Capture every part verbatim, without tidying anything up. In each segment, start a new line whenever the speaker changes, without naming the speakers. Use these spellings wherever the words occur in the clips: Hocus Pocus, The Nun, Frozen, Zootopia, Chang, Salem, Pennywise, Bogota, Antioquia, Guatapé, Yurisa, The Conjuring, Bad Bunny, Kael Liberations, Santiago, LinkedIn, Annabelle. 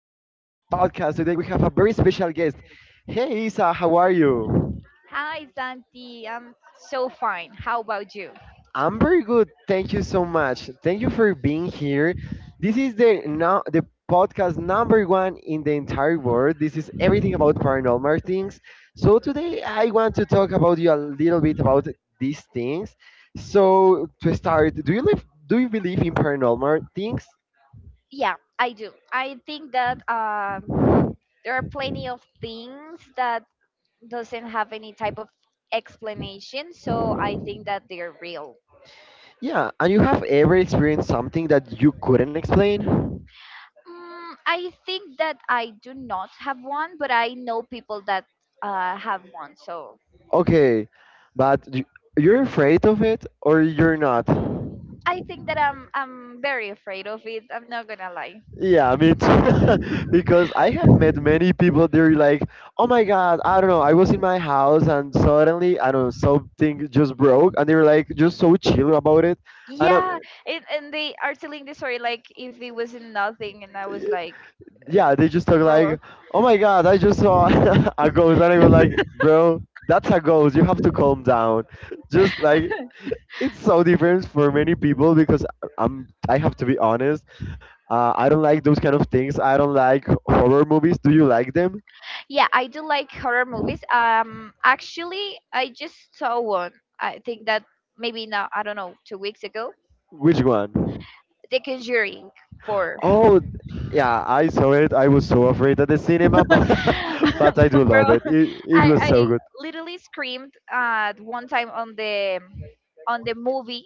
podcast. Today we have a very special guest. Hey Isa, how are you?
Hi, Santi. I'm so fine. How about you?
I'm very good. Thank you so much. Thank you for being here. This is the now the podcast number one in the entire world. This is everything about paranormal things. So today I want to talk about you a little bit about these things. So to start, do you live do you believe in paranormal things?
Yeah, I do. I think that um, there are plenty of things that doesn't have any type of explanation, so I think that they're real.
Yeah, and you have ever experienced something that you couldn't explain?
Mm, I think that I do not have one, but I know people that uh, have one, so
Okay, but y- you're afraid of it or you're not?
I think that I'm I'm very afraid of it. I'm not gonna lie.
Yeah, me too. because I have met many people. They're like, "Oh my God, I don't know. I was in my house and suddenly, I don't know, something just broke," and they were like, just so chill about it. And
Yeah, and, and they are telling the story like if it wasn't nothing, and I was
I'm,
like,
yeah, they just talk
bro.
like, "Oh my God, I just saw a ghost," and I was like, "Bro, that's a ghost. You have to calm down." Just like it's so different for many people because I'm, I have to be honest. Uh, I don't like those kind of things. I don't like horror movies. Do you like them?
Yeah, I do like horror movies. Um, actually, I just saw one. I think that maybe now I don't know two weeks ago.
Which one?
The Conjuring Four.
Oh, yeah, I saw it. I was so afraid at the cinema, but but I do
Bro,
love it. It it
I
was so
I
good.
literally screamed at one time on the on the movie,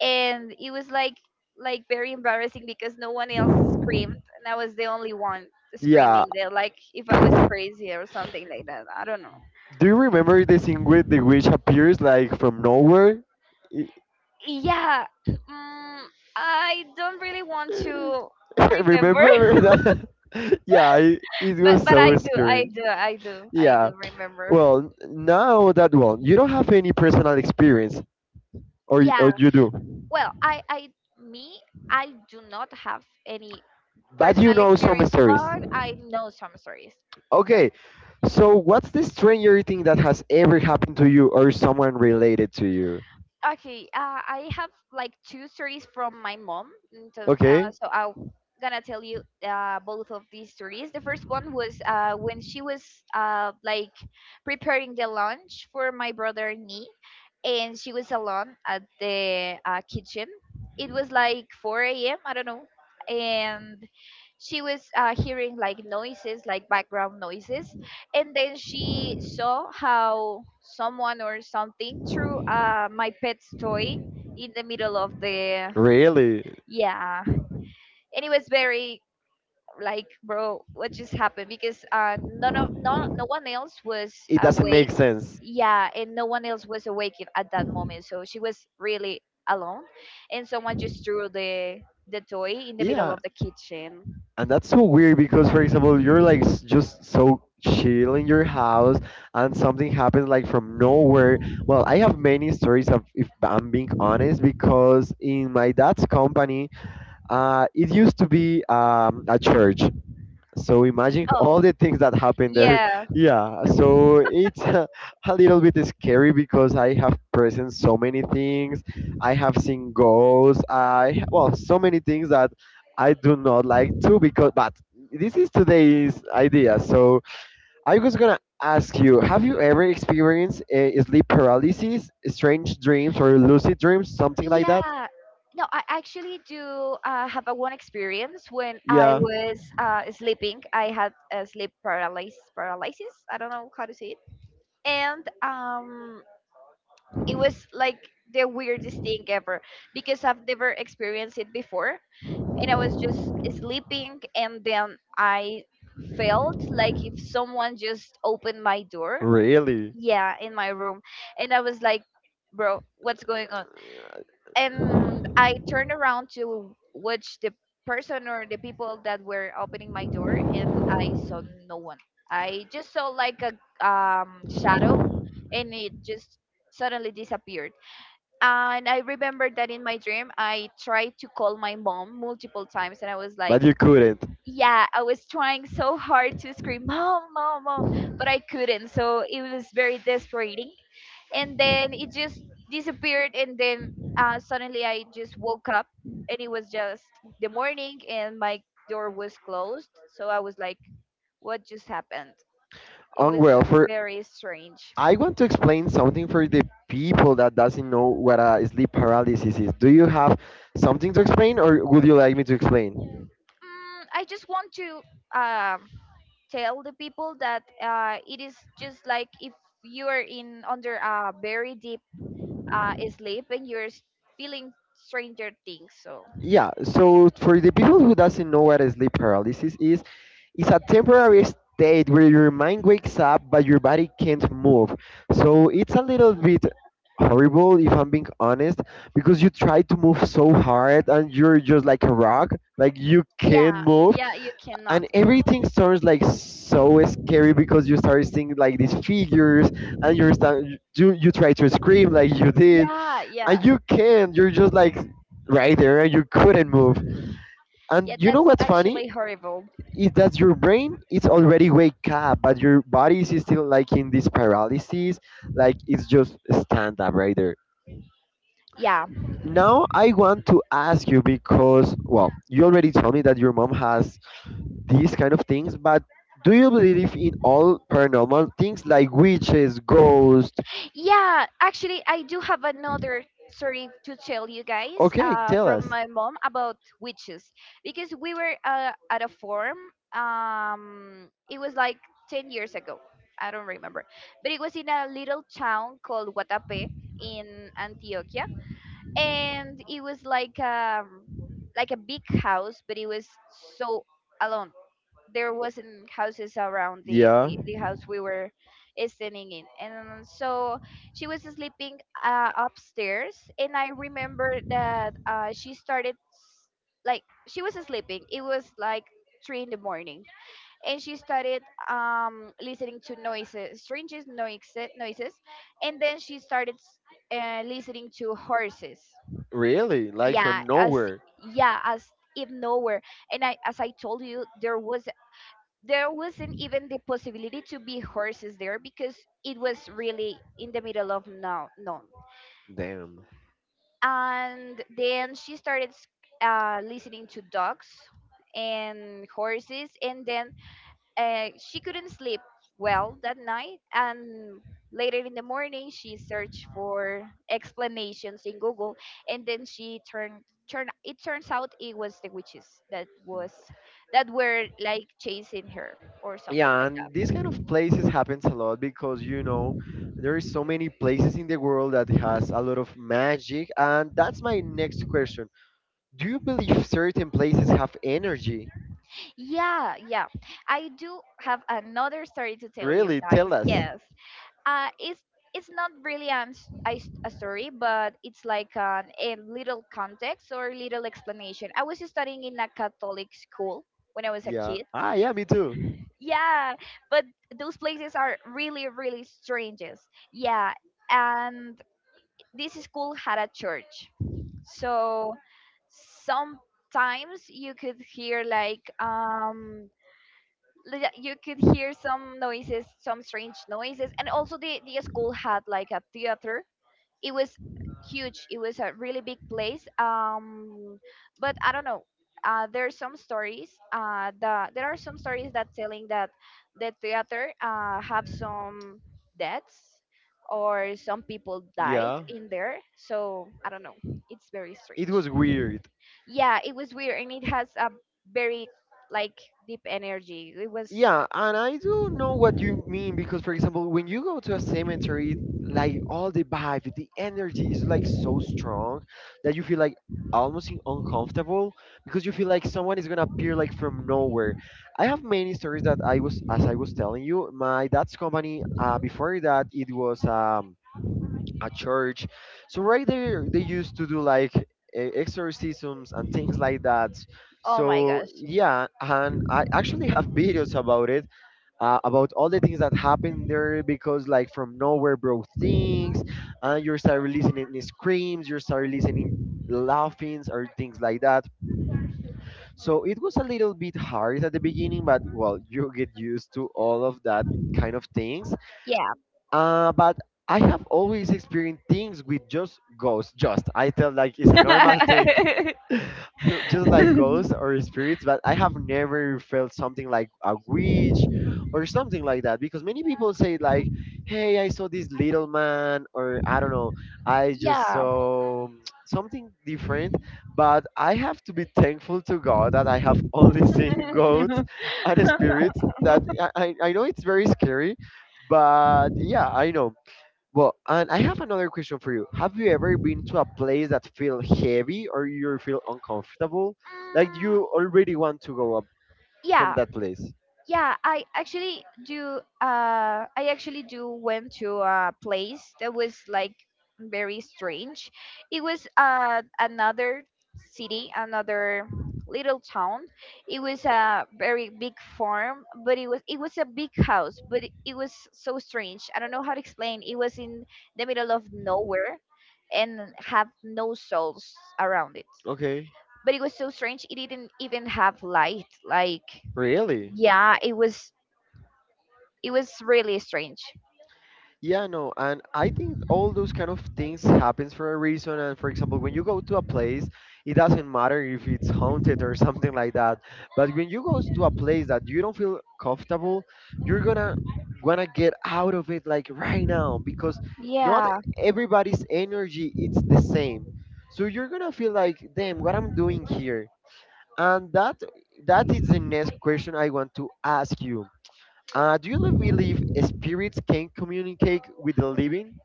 and it was like like very embarrassing because no one else screamed, and I was the only one
Yeah.
screaming. They're like if I was
Do
crazy or something like that. I don't know.
you remember the scene where the witch appears like from nowhere?
Yeah. mm, I don't really want to remember.
remember that? yeah, it, it
but
was
but
so
I do, i
scary.
do i do i
Yeah.
do remember.
Well, now that one, you don't have any personal experience, or y-
Yeah,
or you do,
well, I I me I do not have any
but you
personal
know some
experience,
stories.
but I know some stories. Yeah.
Okay, so what's the stranger thing that has ever happened to you or someone related to you?
Okay, uh, I have like two stories from my mom. and So, uh,
Okay.
so I'm gonna tell you uh, both of these stories. The first one was uh, when she was uh, like preparing the lunch for my brother and me, and she was alone at the uh, kitchen. It was like four a m. I don't know, and she was uh, hearing like noises, like background noises, and then she saw how someone or something threw uh, my pet's toy in the middle of the—
Really?
yeah, and it was very like, bro, what just happened, because uh none of no no one else was
It doesn't
awake.
make sense.
Yeah, and no one else was awake i- at that moment, so she was really alone, and someone just threw the the toy in the middle
Yeah,
of the kitchen.
and that's so weird because, for example, you're like s- just so chill in your house and something happens like from nowhere. Well, I have many stories of, if I'm being honest, because in my dad's company, uh, it used to be um, a church. So imagine
Oh,
all the things that happen there.
yeah.
Yeah, so it's a, a little bit scary because I have present so many things. I have seen ghosts. I Well, so many things that I do not like to because but this is today's idea. So I was gonna ask you, have you ever experienced a sleep paralysis, strange dreams, or lucid dreams, something like that?
Yeah. No, I actually do uh, have a one experience when I
Yeah.
was uh, sleeping. I had a sleep paralysis, paralysis. I don't know how to say it. And um, it was like the weirdest thing ever because I've never experienced it before. And I was just sleeping, and then I felt like if someone just opened my door,
Really?
yeah, in my room. And I was like, bro, what's going on? And I turned around to watch the person or the people that were opening my door, and I saw no one. I just saw like a um, shadow, and it just suddenly disappeared. And I remember that in my dream, I tried to call my mom multiple times, and I was like,
But you couldn't.
"Yeah, I was trying so hard to scream, mom, mom, mom," but I couldn't. So it was very desperate, and then it just disappeared, and then uh, suddenly I just woke up, and it was just the morning and my door was closed, so I was like, what just happened? It
Um,
was
well, for
very strange.
I want to explain something for the people that doesn't know what a sleep paralysis is. Do you have something to explain, or would you like me to explain?
mm, I just want to um, tell the people that uh, it is just like if you are in under a very deep uh, sleep and you're s- feeling stranger things, so
Yeah, so for the people who doesn't know what sleep paralysis is, it's a temporary state where your mind wakes up but your body can't move. So it's a little bit horrible if I'm being honest, because you try to move so hard and you're just like a rock, like you can't
yeah,
move,
yeah you
and
cannot.
everything sounds like so scary because you start seeing like these figures, and you're sta- you you try to scream like you did,
Yeah, yeah.
and you can't. You're just like right there, and you couldn't move. And
Yeah,
you know
that's
what's funny
actually horrible.
is that your brain is already wake up, but your body is still like in this paralysis, like it's just stand up right there.
Yeah.
Now I want to ask you, because well, you already told me that your mom has these kind of things, but do you believe in all paranormal things like witches, ghosts?
Yeah, actually, I do have another story to tell you guys
Okay,
uh,
tell
from
us.
my mom about witches because we were uh, at a forum. Um, it was like ten years ago. I don't remember. But it was in a little town called Guatapé in Antioquia. And it was like um, like a big house, but it was so alone. There wasn't houses around the,
Yeah.
the, the house we were staying in. And so she was sleeping uh, upstairs, and I remember that uh, she started s- like she was sleeping, it was like three in the morning, and she started um, listening to noises, strangest noises noises, and then she started s- uh, listening to horses.
Really? Like
yeah
from
as
nowhere?
yeah, as if nowhere. And I, as I told you, there was— there wasn't even the possibility to be horses there because it was really in the middle of no none.
Damn.
And then she started s- uh, listening to dogs and horses, and then uh, she couldn't sleep well that night. And later in the morning, she searched for explanations in Google, and then she turned. Turn, it turns out it was the witches that was that were like chasing her or something
Yeah,
like that.
and these kind of places happens a lot because you know there is so many places in the world that has a lot of magic, and that's my next question. Do you believe certain places have energy?
Yeah, yeah. I do have another story to tell you
Really,
guys.
tell us.
Yes. Uh it's— it's not really an, s- a, s- a story, but it's like an, a little context or little explanation. I was studying in a Catholic school when I was a
Yeah.
kid.
Ah, yeah, me too.
Yeah, but those places are really, really strangest. Yeah, and this school had a church. So sometimes you could hear like um like, yeah, you could hear some noises, some strange noises, and also the the school had like a theater. It was huge. It was a really big place. Um, but I don't know. Uh, there are some stories. Uh, the there are some stories that telling that the theater uh have some deaths or some people died
Yeah.
in there. So I don't know. It's very
It
strange.
was weird.
Yeah, it was weird, and it has a very like deep energy. It was—
Yeah, and I do know what you mean because, for example, when you go to a cemetery, like all the vibe, the energy is like so strong that you feel like almost in- uncomfortable because you feel like someone is gonna appear like from nowhere. I have many stories that I was, as I was telling you, my dad's company. Uh, before that, it was um a church. So right there, they used to do like e- exorcisms and things like that.
oh my
So
gosh.
yeah, and I actually have videos about it, uh, about all the things that happened there because like from nowhere, bro, things, and you start listening screams, you start listening laughings or things like that. So it was a little bit hard at the beginning, but well, you get used to all of that kind of things.
Yeah.
Uh, but I have always experienced things with just ghosts. Just I feel like it's a normal thing, no, just like ghosts or spirits. But I have never felt something like a witch or something like that because many people say like, "Hey, I saw this little man," or I don't know, I just
Yeah.
saw something different. But I have to be thankful to God that I have only seen ghosts and spirits. That I I I know it's very scary, but yeah, I know. Well, and I have another question for you. Have you ever been to a place that feel heavy or you feel uncomfortable? Like
Mm,
you already want to go up from
yeah.
that place?
Yeah, I actually do. Uh, I actually do went to a place that was like very strange. It was uh, another city, another little town. It was a very big farm, but it was— it was a big house, but it, it was so strange. I don't know how to explain. It was in the middle of nowhere, and have no souls around it.
Okay.
But it was so strange. It didn't even have light. Like,
Really?
yeah, it was— it was really strange.
Yeah, no, and I think all those kind of things happens for a reason. And for example, when you go to a place, it doesn't matter if it's haunted or something like that. But when you go to a place that you don't feel comfortable, you're gonna wanna get out of it like right now because not
Yeah.
everybody's energy it's the same. So you're gonna feel like, damn, what I'm doing here. And that that is the next question I want to ask you. Uh, do you believe spirits can communicate with the living?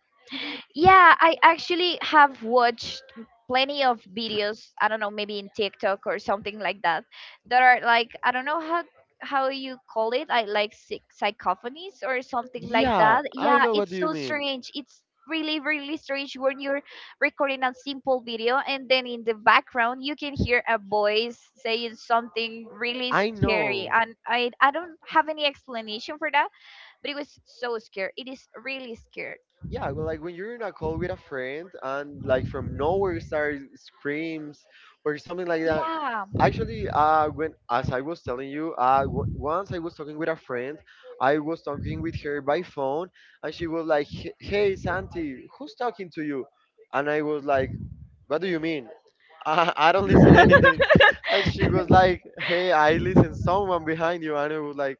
Yeah, I actually have watched plenty of videos, I don't know, maybe in TikTok or something like that, that are like, I don't know how how you call it, I like psych- psychophonies or something like
Yeah,
that.
I
Yeah,
know what do
it's
you
so
mean.
strange. It's really really strange when you're recording a simple video and then in the background you can hear a voice saying something really
I
scary,
know.
and I I don't have any explanation for that. But it was so scared. It is really scared.
Yeah, well, like when you're in a call with a friend and like from nowhere starts screams or something like that.
Yeah,
Actually, uh when as I was telling you, uh w- once I was talking with a friend. I was talking with her by phone, and she was like, "H- hey Santi, who's talking to you?" And I was like, what do you mean? I, I don't listen anything. And she was like, hey, I listen someone behind you. And I was like,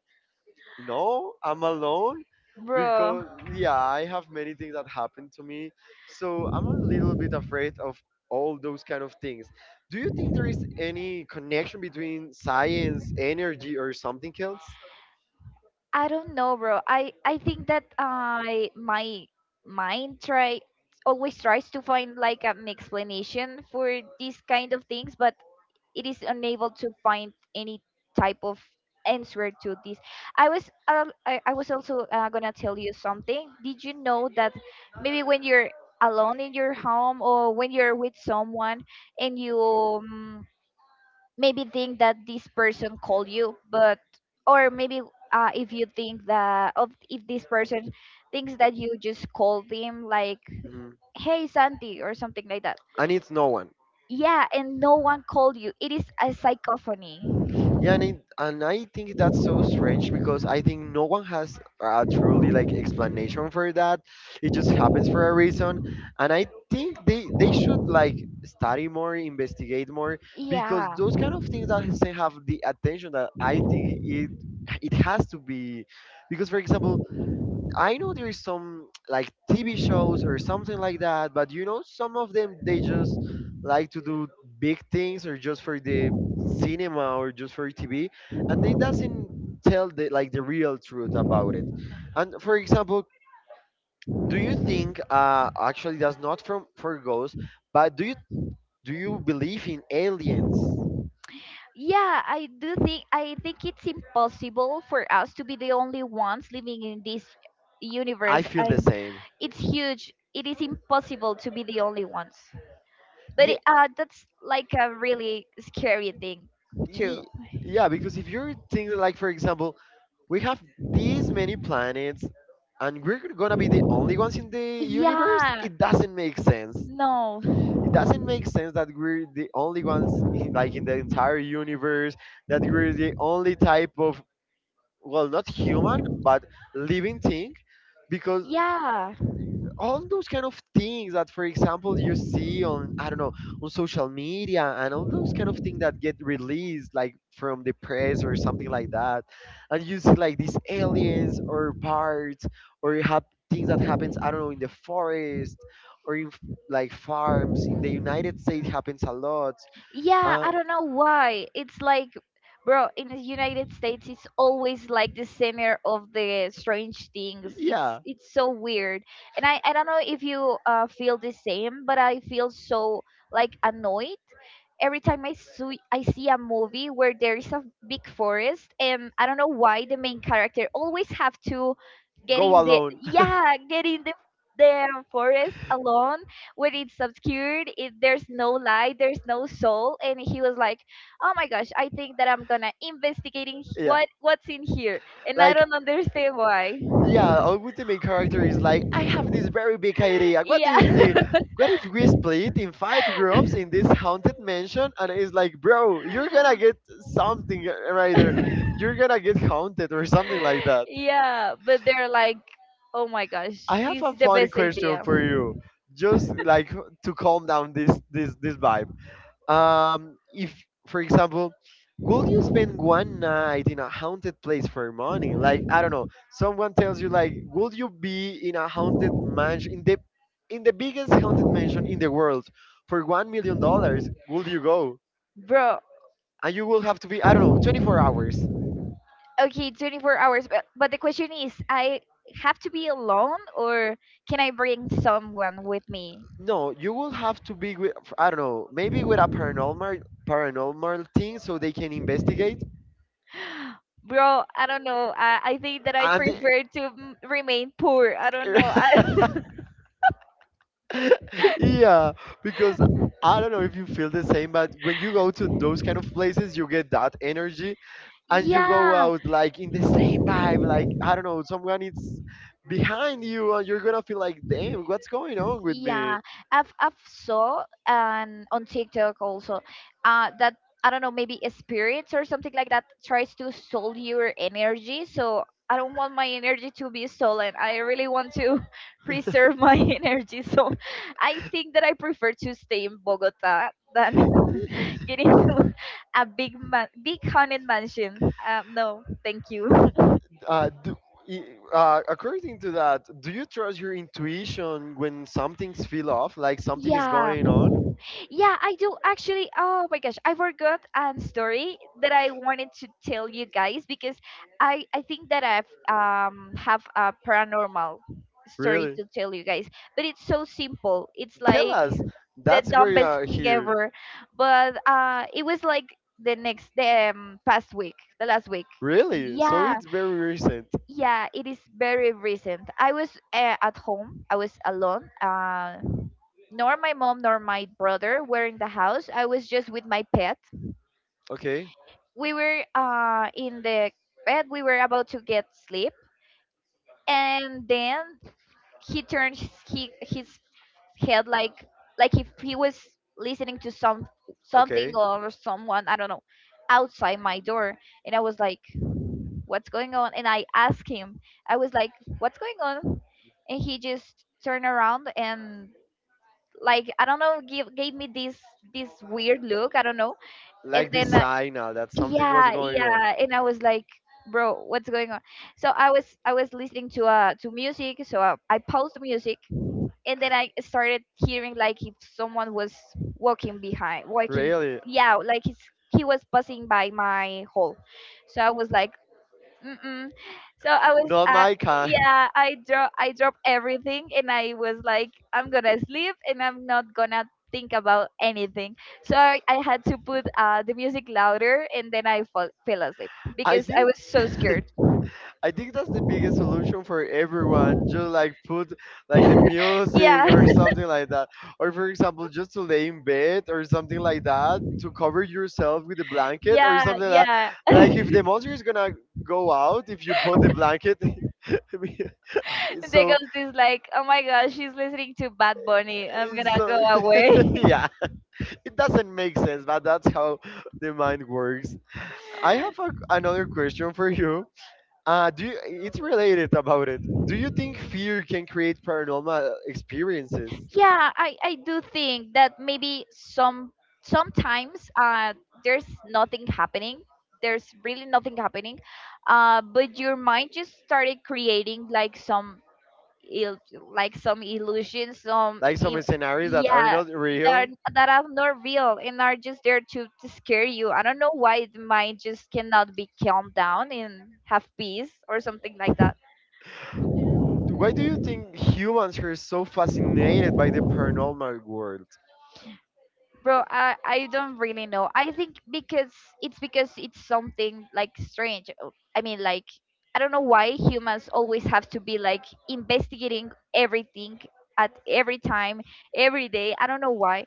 no, I'm alone,
bro.
because yeah, I have many things that happened to me. So I'm a little bit afraid of all those kind of things. Do you think there is any connection between science, energy, or something else?
I don't know, bro. I I think that I my mind try always tries to find like an explanation for these kind of things, but it is unable to find any type of answer to this. i was al- I, I was also uh, gonna tell you something. Did you know that maybe when you're alone in your home or when you're with someone and you um, maybe think that this person called you, but or maybe uh, if you think that of if this person thinks that you just called him, like,
Hmm.
hey Santi or something like that.
And it's no one.
Yeah, and no one called you, it is a psychophony.
Yeah, and I, and I think that's so strange because I think no one has a truly like explanation for that. It just happens for a reason, and I think they they should like study more, investigate more, because
Yeah.
those kind of things that doesn't have the attention that I think it it has to be. Because for example, I know there is some like T V shows or something like that, but you know, some of them they just like to do big things or just for the cinema or just for T V, and they doesn't tell the like the real truth about it. And for example, do you think uh actually that's not from for ghosts, but do you do you believe in aliens?
Yeah, I do think. I think it's impossible for us to be the only ones living in this
I
universe.
feel
I—
the same.
it's huge. It is impossible to be the only ones. But
Yeah,
it, uh, that's like a really scary thing too.
Ye- yeah, because if you're thinking, like, for example, we have these many planets and we're gonna be the only ones in the universe,
Yeah,
it doesn't make sense.
no,
It doesn't make sense that we're the only ones, in, like, in the entire universe, that we're the only type of, well, not human, but living thing, because
yeah.
all those kind of things that for example you see on I don't know, on social media, and all those kind of things that get released like from the press or something like that, and you see like these aliens or parts, or you have things that happens I don't know in the forest or in f- like farms in the United States happens a lot.
Yeah,
uh,
I don't know why. It's like, bro, in the United States, it's always like the center of the strange things. It's—
yeah,
it's so weird, and I I don't know if you uh, feel the same, but I feel so like annoyed every time I see I see a movie where there is a big forest, and I don't know why the main character always have to get in
go
the—
alone.
yeah, get in the the forest alone when it's obscured. It, there's no light, there's no soul, and he was like, "Oh my gosh, I think that I'm gonna investigating h-
Yeah.
what what's in here," and I
Like
don't understand why.
yeah, Our the main character is like, I have this very big idea. What do you
Yeah.
think? What if we split in five groups in this haunted mansion? And it's like, bro, you're gonna get something right there. You're gonna get haunted or something like that.
Yeah, but they're like, oh my gosh,
I have
this
a
is the
funny
best
question
idea,
for you, just like to calm down this this this vibe. Um, if for example, would you spend one night in a haunted place for money? Like, I don't know, someone tells you like would you be in a haunted mansion in the in the biggest haunted mansion in the world for one million dollars, would you go?
bro.
And you will have to be, I don't know, twenty-four hours.
Okay, twenty-four hours, but, but the question is, I have to be alone or can I bring someone with me?
No, you will have to be with, I don't know, maybe with a paranormal paranormal thing so they can investigate.
Bro, I don't know. I, I think that I
and the-
prefer to m- remain poor. I don't know. I—
yeah, because I don't know if you feel the same, but when you go to those kind of places, you get that energy, and you go
yeah.
out like in the same vibe. Like I don't know, someone is behind you, and you're gonna feel like, damn, what's going on with me?
Yeah, I've— I've saw um on TikTok also, uh that I don't know maybe spirits or something like that tries to steal your energy. So I don't want my energy to be stolen. I really want to preserve my energy. So I think that I prefer to stay in Bogota than getting to a big man, big haunted mansion. Um, no, thank you.
Uh, do, i- uh, According to that, do you trust your intuition when something's feel off, like something is
Yeah.
going on?
Yeah, I do actually. Oh my gosh, I forgot a story that I wanted to tell you guys because I I think that I've um have a paranormal story
Really?
to tell you guys, but it's so simple. It's
Tell
like
us.
the
That's where you
dumbest
are
thing
here.
ever, but uh, it was like the next the um, past week, the last week.
Really? So
Yeah,
it's very recent.
yeah, it is very recent. I was uh, at home. I was alone. Uh, nor my mom nor my brother were in the house. I was just with my pet.
Okay.
We were uh, in the bed. We were about to get sleep, and then he turned his, he, his head like like if he was listening to some something
Okay.
or someone, I don't know, outside my door. And I was like, "What's going on?" And I asked him. I was like, "What's going on?" And he just turned around and, like, I don't know, give gave me this this weird look. I don't know, and
Like the
then uh,
signal that something was
yeah,
going on.
yeah, and I was like, bro, what's going on? So i was I was listening to uh to music, so i, I paused the music, and then I started hearing like if someone was walking behind walking.
Really?
Yeah, like he's he was passing by my hall. So I was like, mm-mm. So I was,
Not
uh,
my kind.
yeah, I drop, I dropped everything, and I was like, I'm gonna sleep, and I'm not gonna think about anything. So I, I had to put uh, the music louder, and then I fall, fell asleep
I
because I
think.
was so scared.
I think that's the biggest solution for everyone. Just like put like the
Yeah,
music or something like that. Or for example, just to lay in bed or something like that to cover yourself with a blanket or
yeah,
something like
yeah.
that. Like if the monster is gonna go out, if you put the blanket,
There
so
goes this like, oh my gosh, she's listening to Bad Bunny, I'm
it's
gonna go
so
away.
yeah, it doesn't make sense, but that's how the mind works. I have a, another question for you. Uh, do you, it's related about it. Do you think fear can create paranormal experiences?
Yeah, I, I do think that maybe some sometimes uh there's nothing happening. There's really nothing happening. Uh, but your mind just started creating like some il- like some illusions, some
Like some
im-
scenarios that are
yeah,
not
that are,
real?
that are not real and are just there to, to scare you. I don't know why the mind just cannot be calmed down and have peace or something like that.
Why do you think humans are so fascinated by the paranormal world?
Bro, I, I don't really know. I think because it's because it's something like strange. Uh, I mean, like, I don't know why humans always have to be like investigating everything at every time, every day. I don't know why.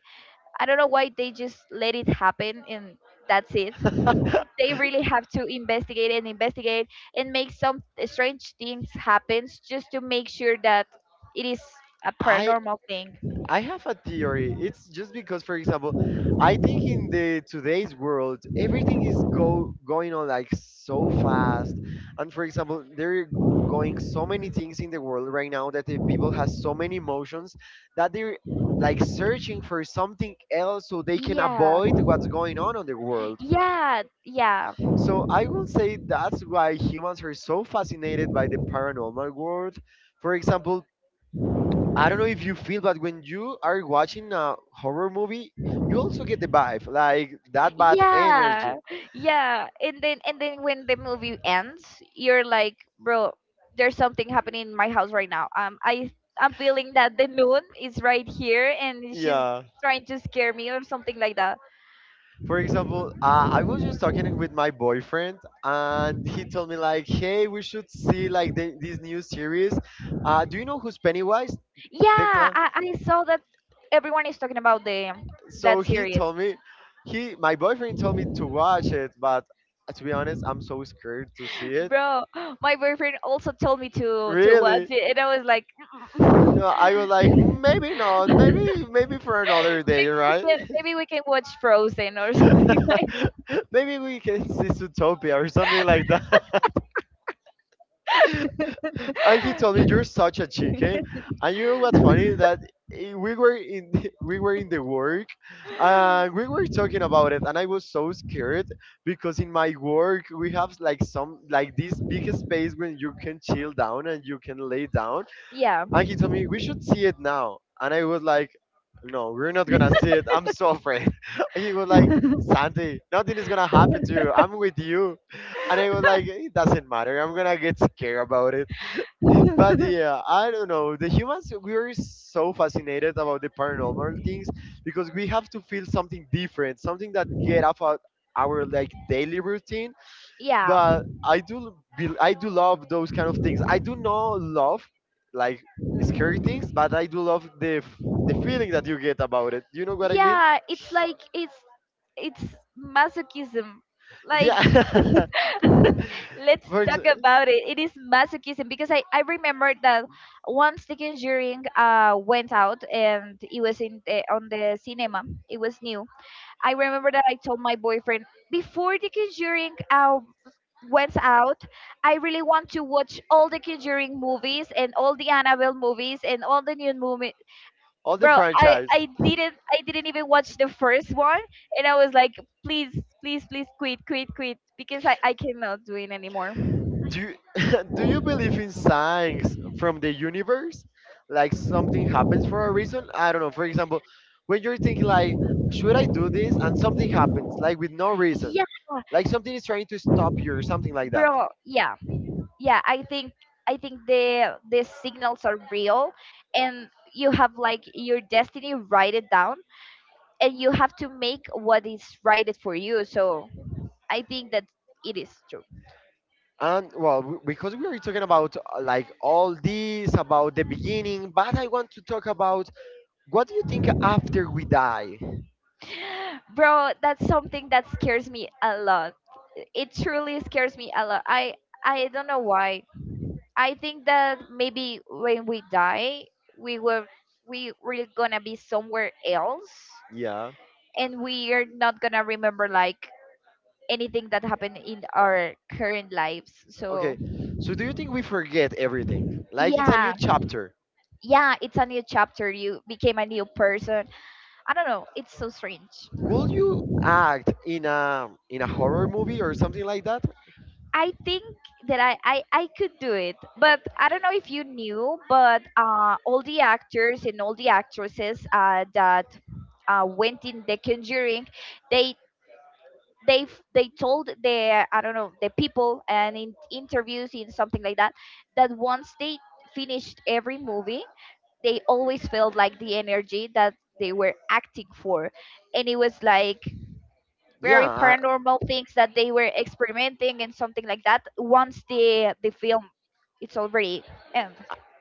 I don't know why they just let it happen and that's it. They really have to investigate and investigate and make some strange things happen just to make sure that it is a
I
paranormal thing.
I have a theory. It's just because, for example, I think in the today's world, everything is go going on like so fast, and for example, there are going so many things in the world right now that the people has so many emotions that they're like searching for something else so they can
Yeah.
avoid what's going on on the world.
Yeah, yeah.
So I will say that's why humans are so fascinated by the paranormal world. For example, I don't know if you feel, but when you are watching a horror movie, you also get the vibe, like that bad
Yeah.
energy.
Yeah. And then, and then when the movie ends, you're like, bro, there's something happening in my house right now. Um I I'm feeling that the moon is right here and she's
Yeah.
trying to scare me or something like that.
For example, uh, I was just talking with my boyfriend, and he told me like, "Hey, we should see like the, this new series. Uh, do you know who's Pennywise,
Yeah,
Declan?"
I, I saw that everyone is talking about the
So
that
he
series.
told me, he my boyfriend told me to watch it, but to be honest, I'm so scared to see it.
Bro, my boyfriend also told me to to watch
Really?
it and I was like,
Yeah, I was like, maybe not, maybe maybe for another
maybe
day,
we
right?
can, maybe we can watch Frozen or something like that.
Maybe we can see Zootopia or something like that. And he told me, "You're such a chicken." And you know what's funny? That i- we were in the, we were in the work, and we were talking about it, and I was so scared because in my work we have like some like this big space when you can chill down and you can lay down.
Yeah,
And he told me, we should see it now. And I was like, no, we're not gonna see it. I'm so afraid. He was like, Santi, nothing is gonna happen to you. I'm with you. And I was like, it doesn't matter. I'm gonna get scared about it. But yeah, I don't know. The humans, we're so fascinated about the paranormal things because we have to feel something different, something that get out of our like daily routine.
yeah.
But I do be, I do love those kind of things. I do not love like scary things, but I do love the f- the feeling that you get about it. You know what I mean?
Yeah, it's like it's it's masochism. Like
Yeah.
let's
For
talk
exa-
about it. It is masochism because I I remember that once The Conjuring uh went out and it was in the, on the cinema. It was new. I remember that I told my boyfriend before the Conjuring out went out, I really want to watch all the Conjuring movies and all the Annabelle movies and all the new movie.
all the
Bro, I
franchise.
I didn't I didn't even watch the first one, and I was like, please, please, please, quit, quit, quit, because I I cannot do it anymore.
Do you, do you believe in signs from the universe? Like something happens for a reason? I don't know. For example, when you're thinking like, should I do this? And something happens, like with no reason.
Yeah,
Like something is trying to stop you or something like that.
bro, yeah, yeah. I think I think the the signals are real, and you have like your destiny. Write it down and you have to make what is right for you. So I think that it is true.
And well, w- because we are talking about uh, like all this about the beginning, but I want to talk about what do you think after we die?
Bro, that's something that scares me a lot. It truly scares me a lot. I I don't know why. I think that maybe when we die, we were we we're gonna be somewhere else,
Yeah.
and we are not gonna remember like anything that happened in our current lives. So
Okay. So do you think we forget everything? Like it's a new
yeah,
chapter.
yeah, it's a new chapter. You became a new person, I don't know. It's so strange.
Will you act in a in a horror movie or something like that?
I think that I, I, I could do it, but I don't know if you knew, but uh, all the actors and all the actresses uh, that uh, went in The Conjuring, they they f- they told the, I don't know, the people and in interviews in something like that, that once they finished every movie, they always felt like the energy that they were acting for, and it was like
Yeah,
very
I,
paranormal things that they were experimenting and something like that once the the film it's already end.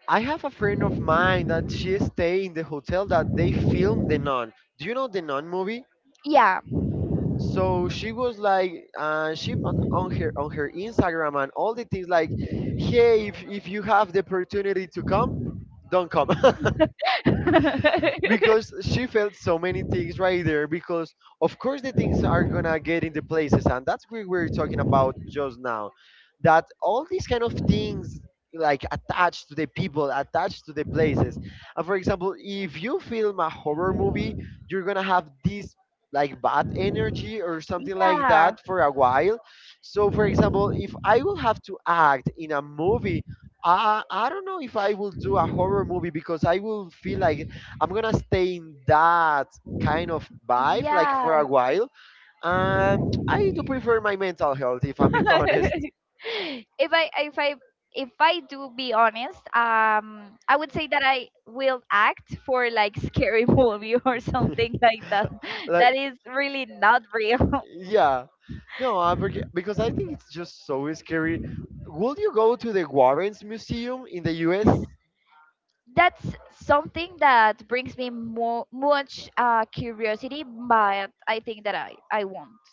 I have a friend of mine that she stay in the hotel that they filmed The Nun. Do you know The Nun movie?
Yeah.
So she was like uh, she put on her on her Instagram and all the things like, hey, if, if you have the opportunity to come, don't come. Because she felt so many things right there, because of course the things are gonna get into places, and that's what we were talking about just now, that all these kind of things like attached to the people, attached to the places. And for example, if you film a horror movie, you're gonna have this like bad energy or something like
Yeah,
that for a while. So for example, if I will have to act in a movie, I, I don't know if I will do a horror movie because I will feel like I'm gonna stay in that kind of vibe like
yeah.
for a while. Um, I do prefer my mental health if I'm being honest.
if i if i if i do be honest, um I would say that I will act for like scary movie or something like that
Like,
that is really not real.
yeah, no, I forget, because I think it's just so scary. Will you go to the Warrens Museum in the US?
That's something that brings me more much uh, curiosity, but I think that I I won't.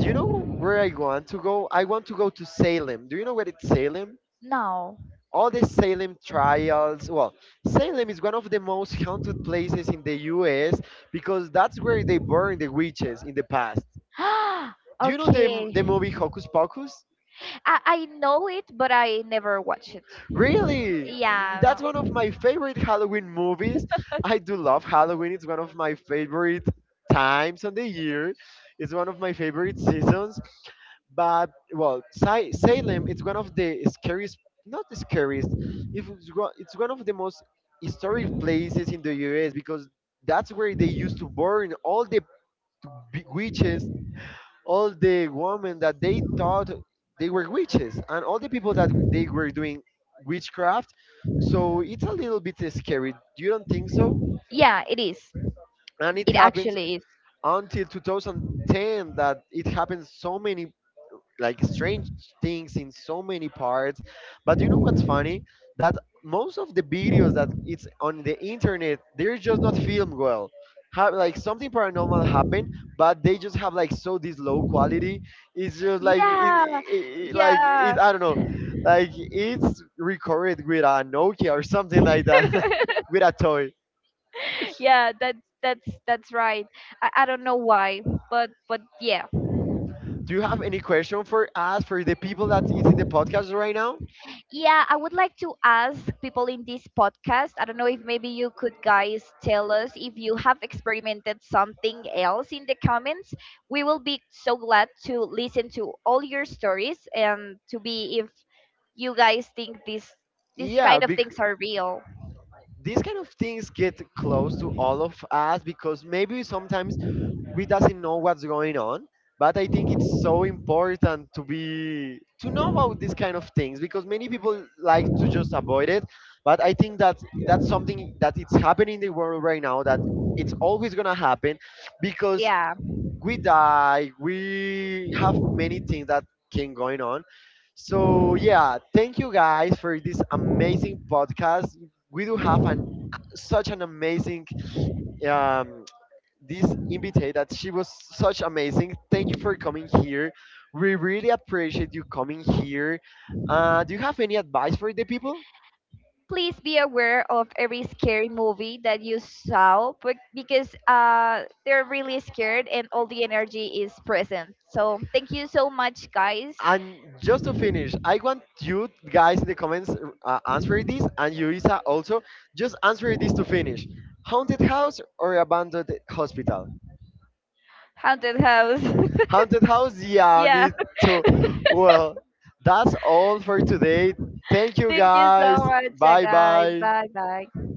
Do you know where I want to go? I want to go to Salem. Do you know where it's Salem?
No.
All the Salem trials. Well, Salem is one of the most haunted places in the U S because that's where they burned the witches in the past. Do you know the, the
Okay.
movie Hocus Pocus?
I I know it, but I never watch it.
Really?
Yeah.
That's one of my favorite Halloween movies. I do love Halloween. It's one of my favorite times on the year. It's one of my favorite seasons. But well, Sa- Salem it's one of the scariest, not the scariest. If it's one it's one of the most historic places in the U S because that's where they used to burn all the b- witches, all the women that they thought they were witches and all the people that w- they were doing witchcraft. So
No.
it's a little bit scary. You don't think so?
Yeah, it is.
And it
It
happens
actually is.
until two thousand ten that it happens so many like strange things in so many parts. But you know what's funny? That most of the videos that it's on the internet, they're just not filmed well. Have like something paranormal happened, but they just have like so this low quality. It's just like it,
Yeah,
it, it- like
yeah,
it. I don't know. Like it's recorded with a Nokia or something like that, with a toy.
yeah. That's that's that's right. I, I don't know why, but but yeah.
Do you have any question for us for the people that is in the podcast right now?
Yeah, I would like to ask people in this podcast. I don't know if maybe you could guys tell us if you have experimented something else in the comments. We will be so glad to listen to all your stories and to be if you guys think this this
Yeah,
kind of things are real.
these kind of things get close to all of us, because maybe sometimes we doesn't know what's going on, but I think it's so important to be to know about these kind of things because many people like to just avoid it. But I think that that's something that it's happening in the world right now that it's always going to happen, because
Yeah.
we die, we have many things that can going on. So yeah, thank you guys for this amazing podcast. We do have an such an amazing, um, this invitee that she was such amazing. Thank you for coming here. We really appreciate you coming here. Uh do you have any advice for the people?
Please be aware of every scary movie that you saw, but because uh, they're really scared and all the energy is present. So thank you so much, guys.
And just to finish, I want you guys in the comments, uh, answer this, and Yurisa also just answer this to finish. Haunted house or abandoned hospital?
Haunted house.
Haunted house, yeah,
Yeah.
me too. Well, that's all for today. Thank you
Thank you so
guys.
much, uh,
Bye
guys.
bye.
Bye bye.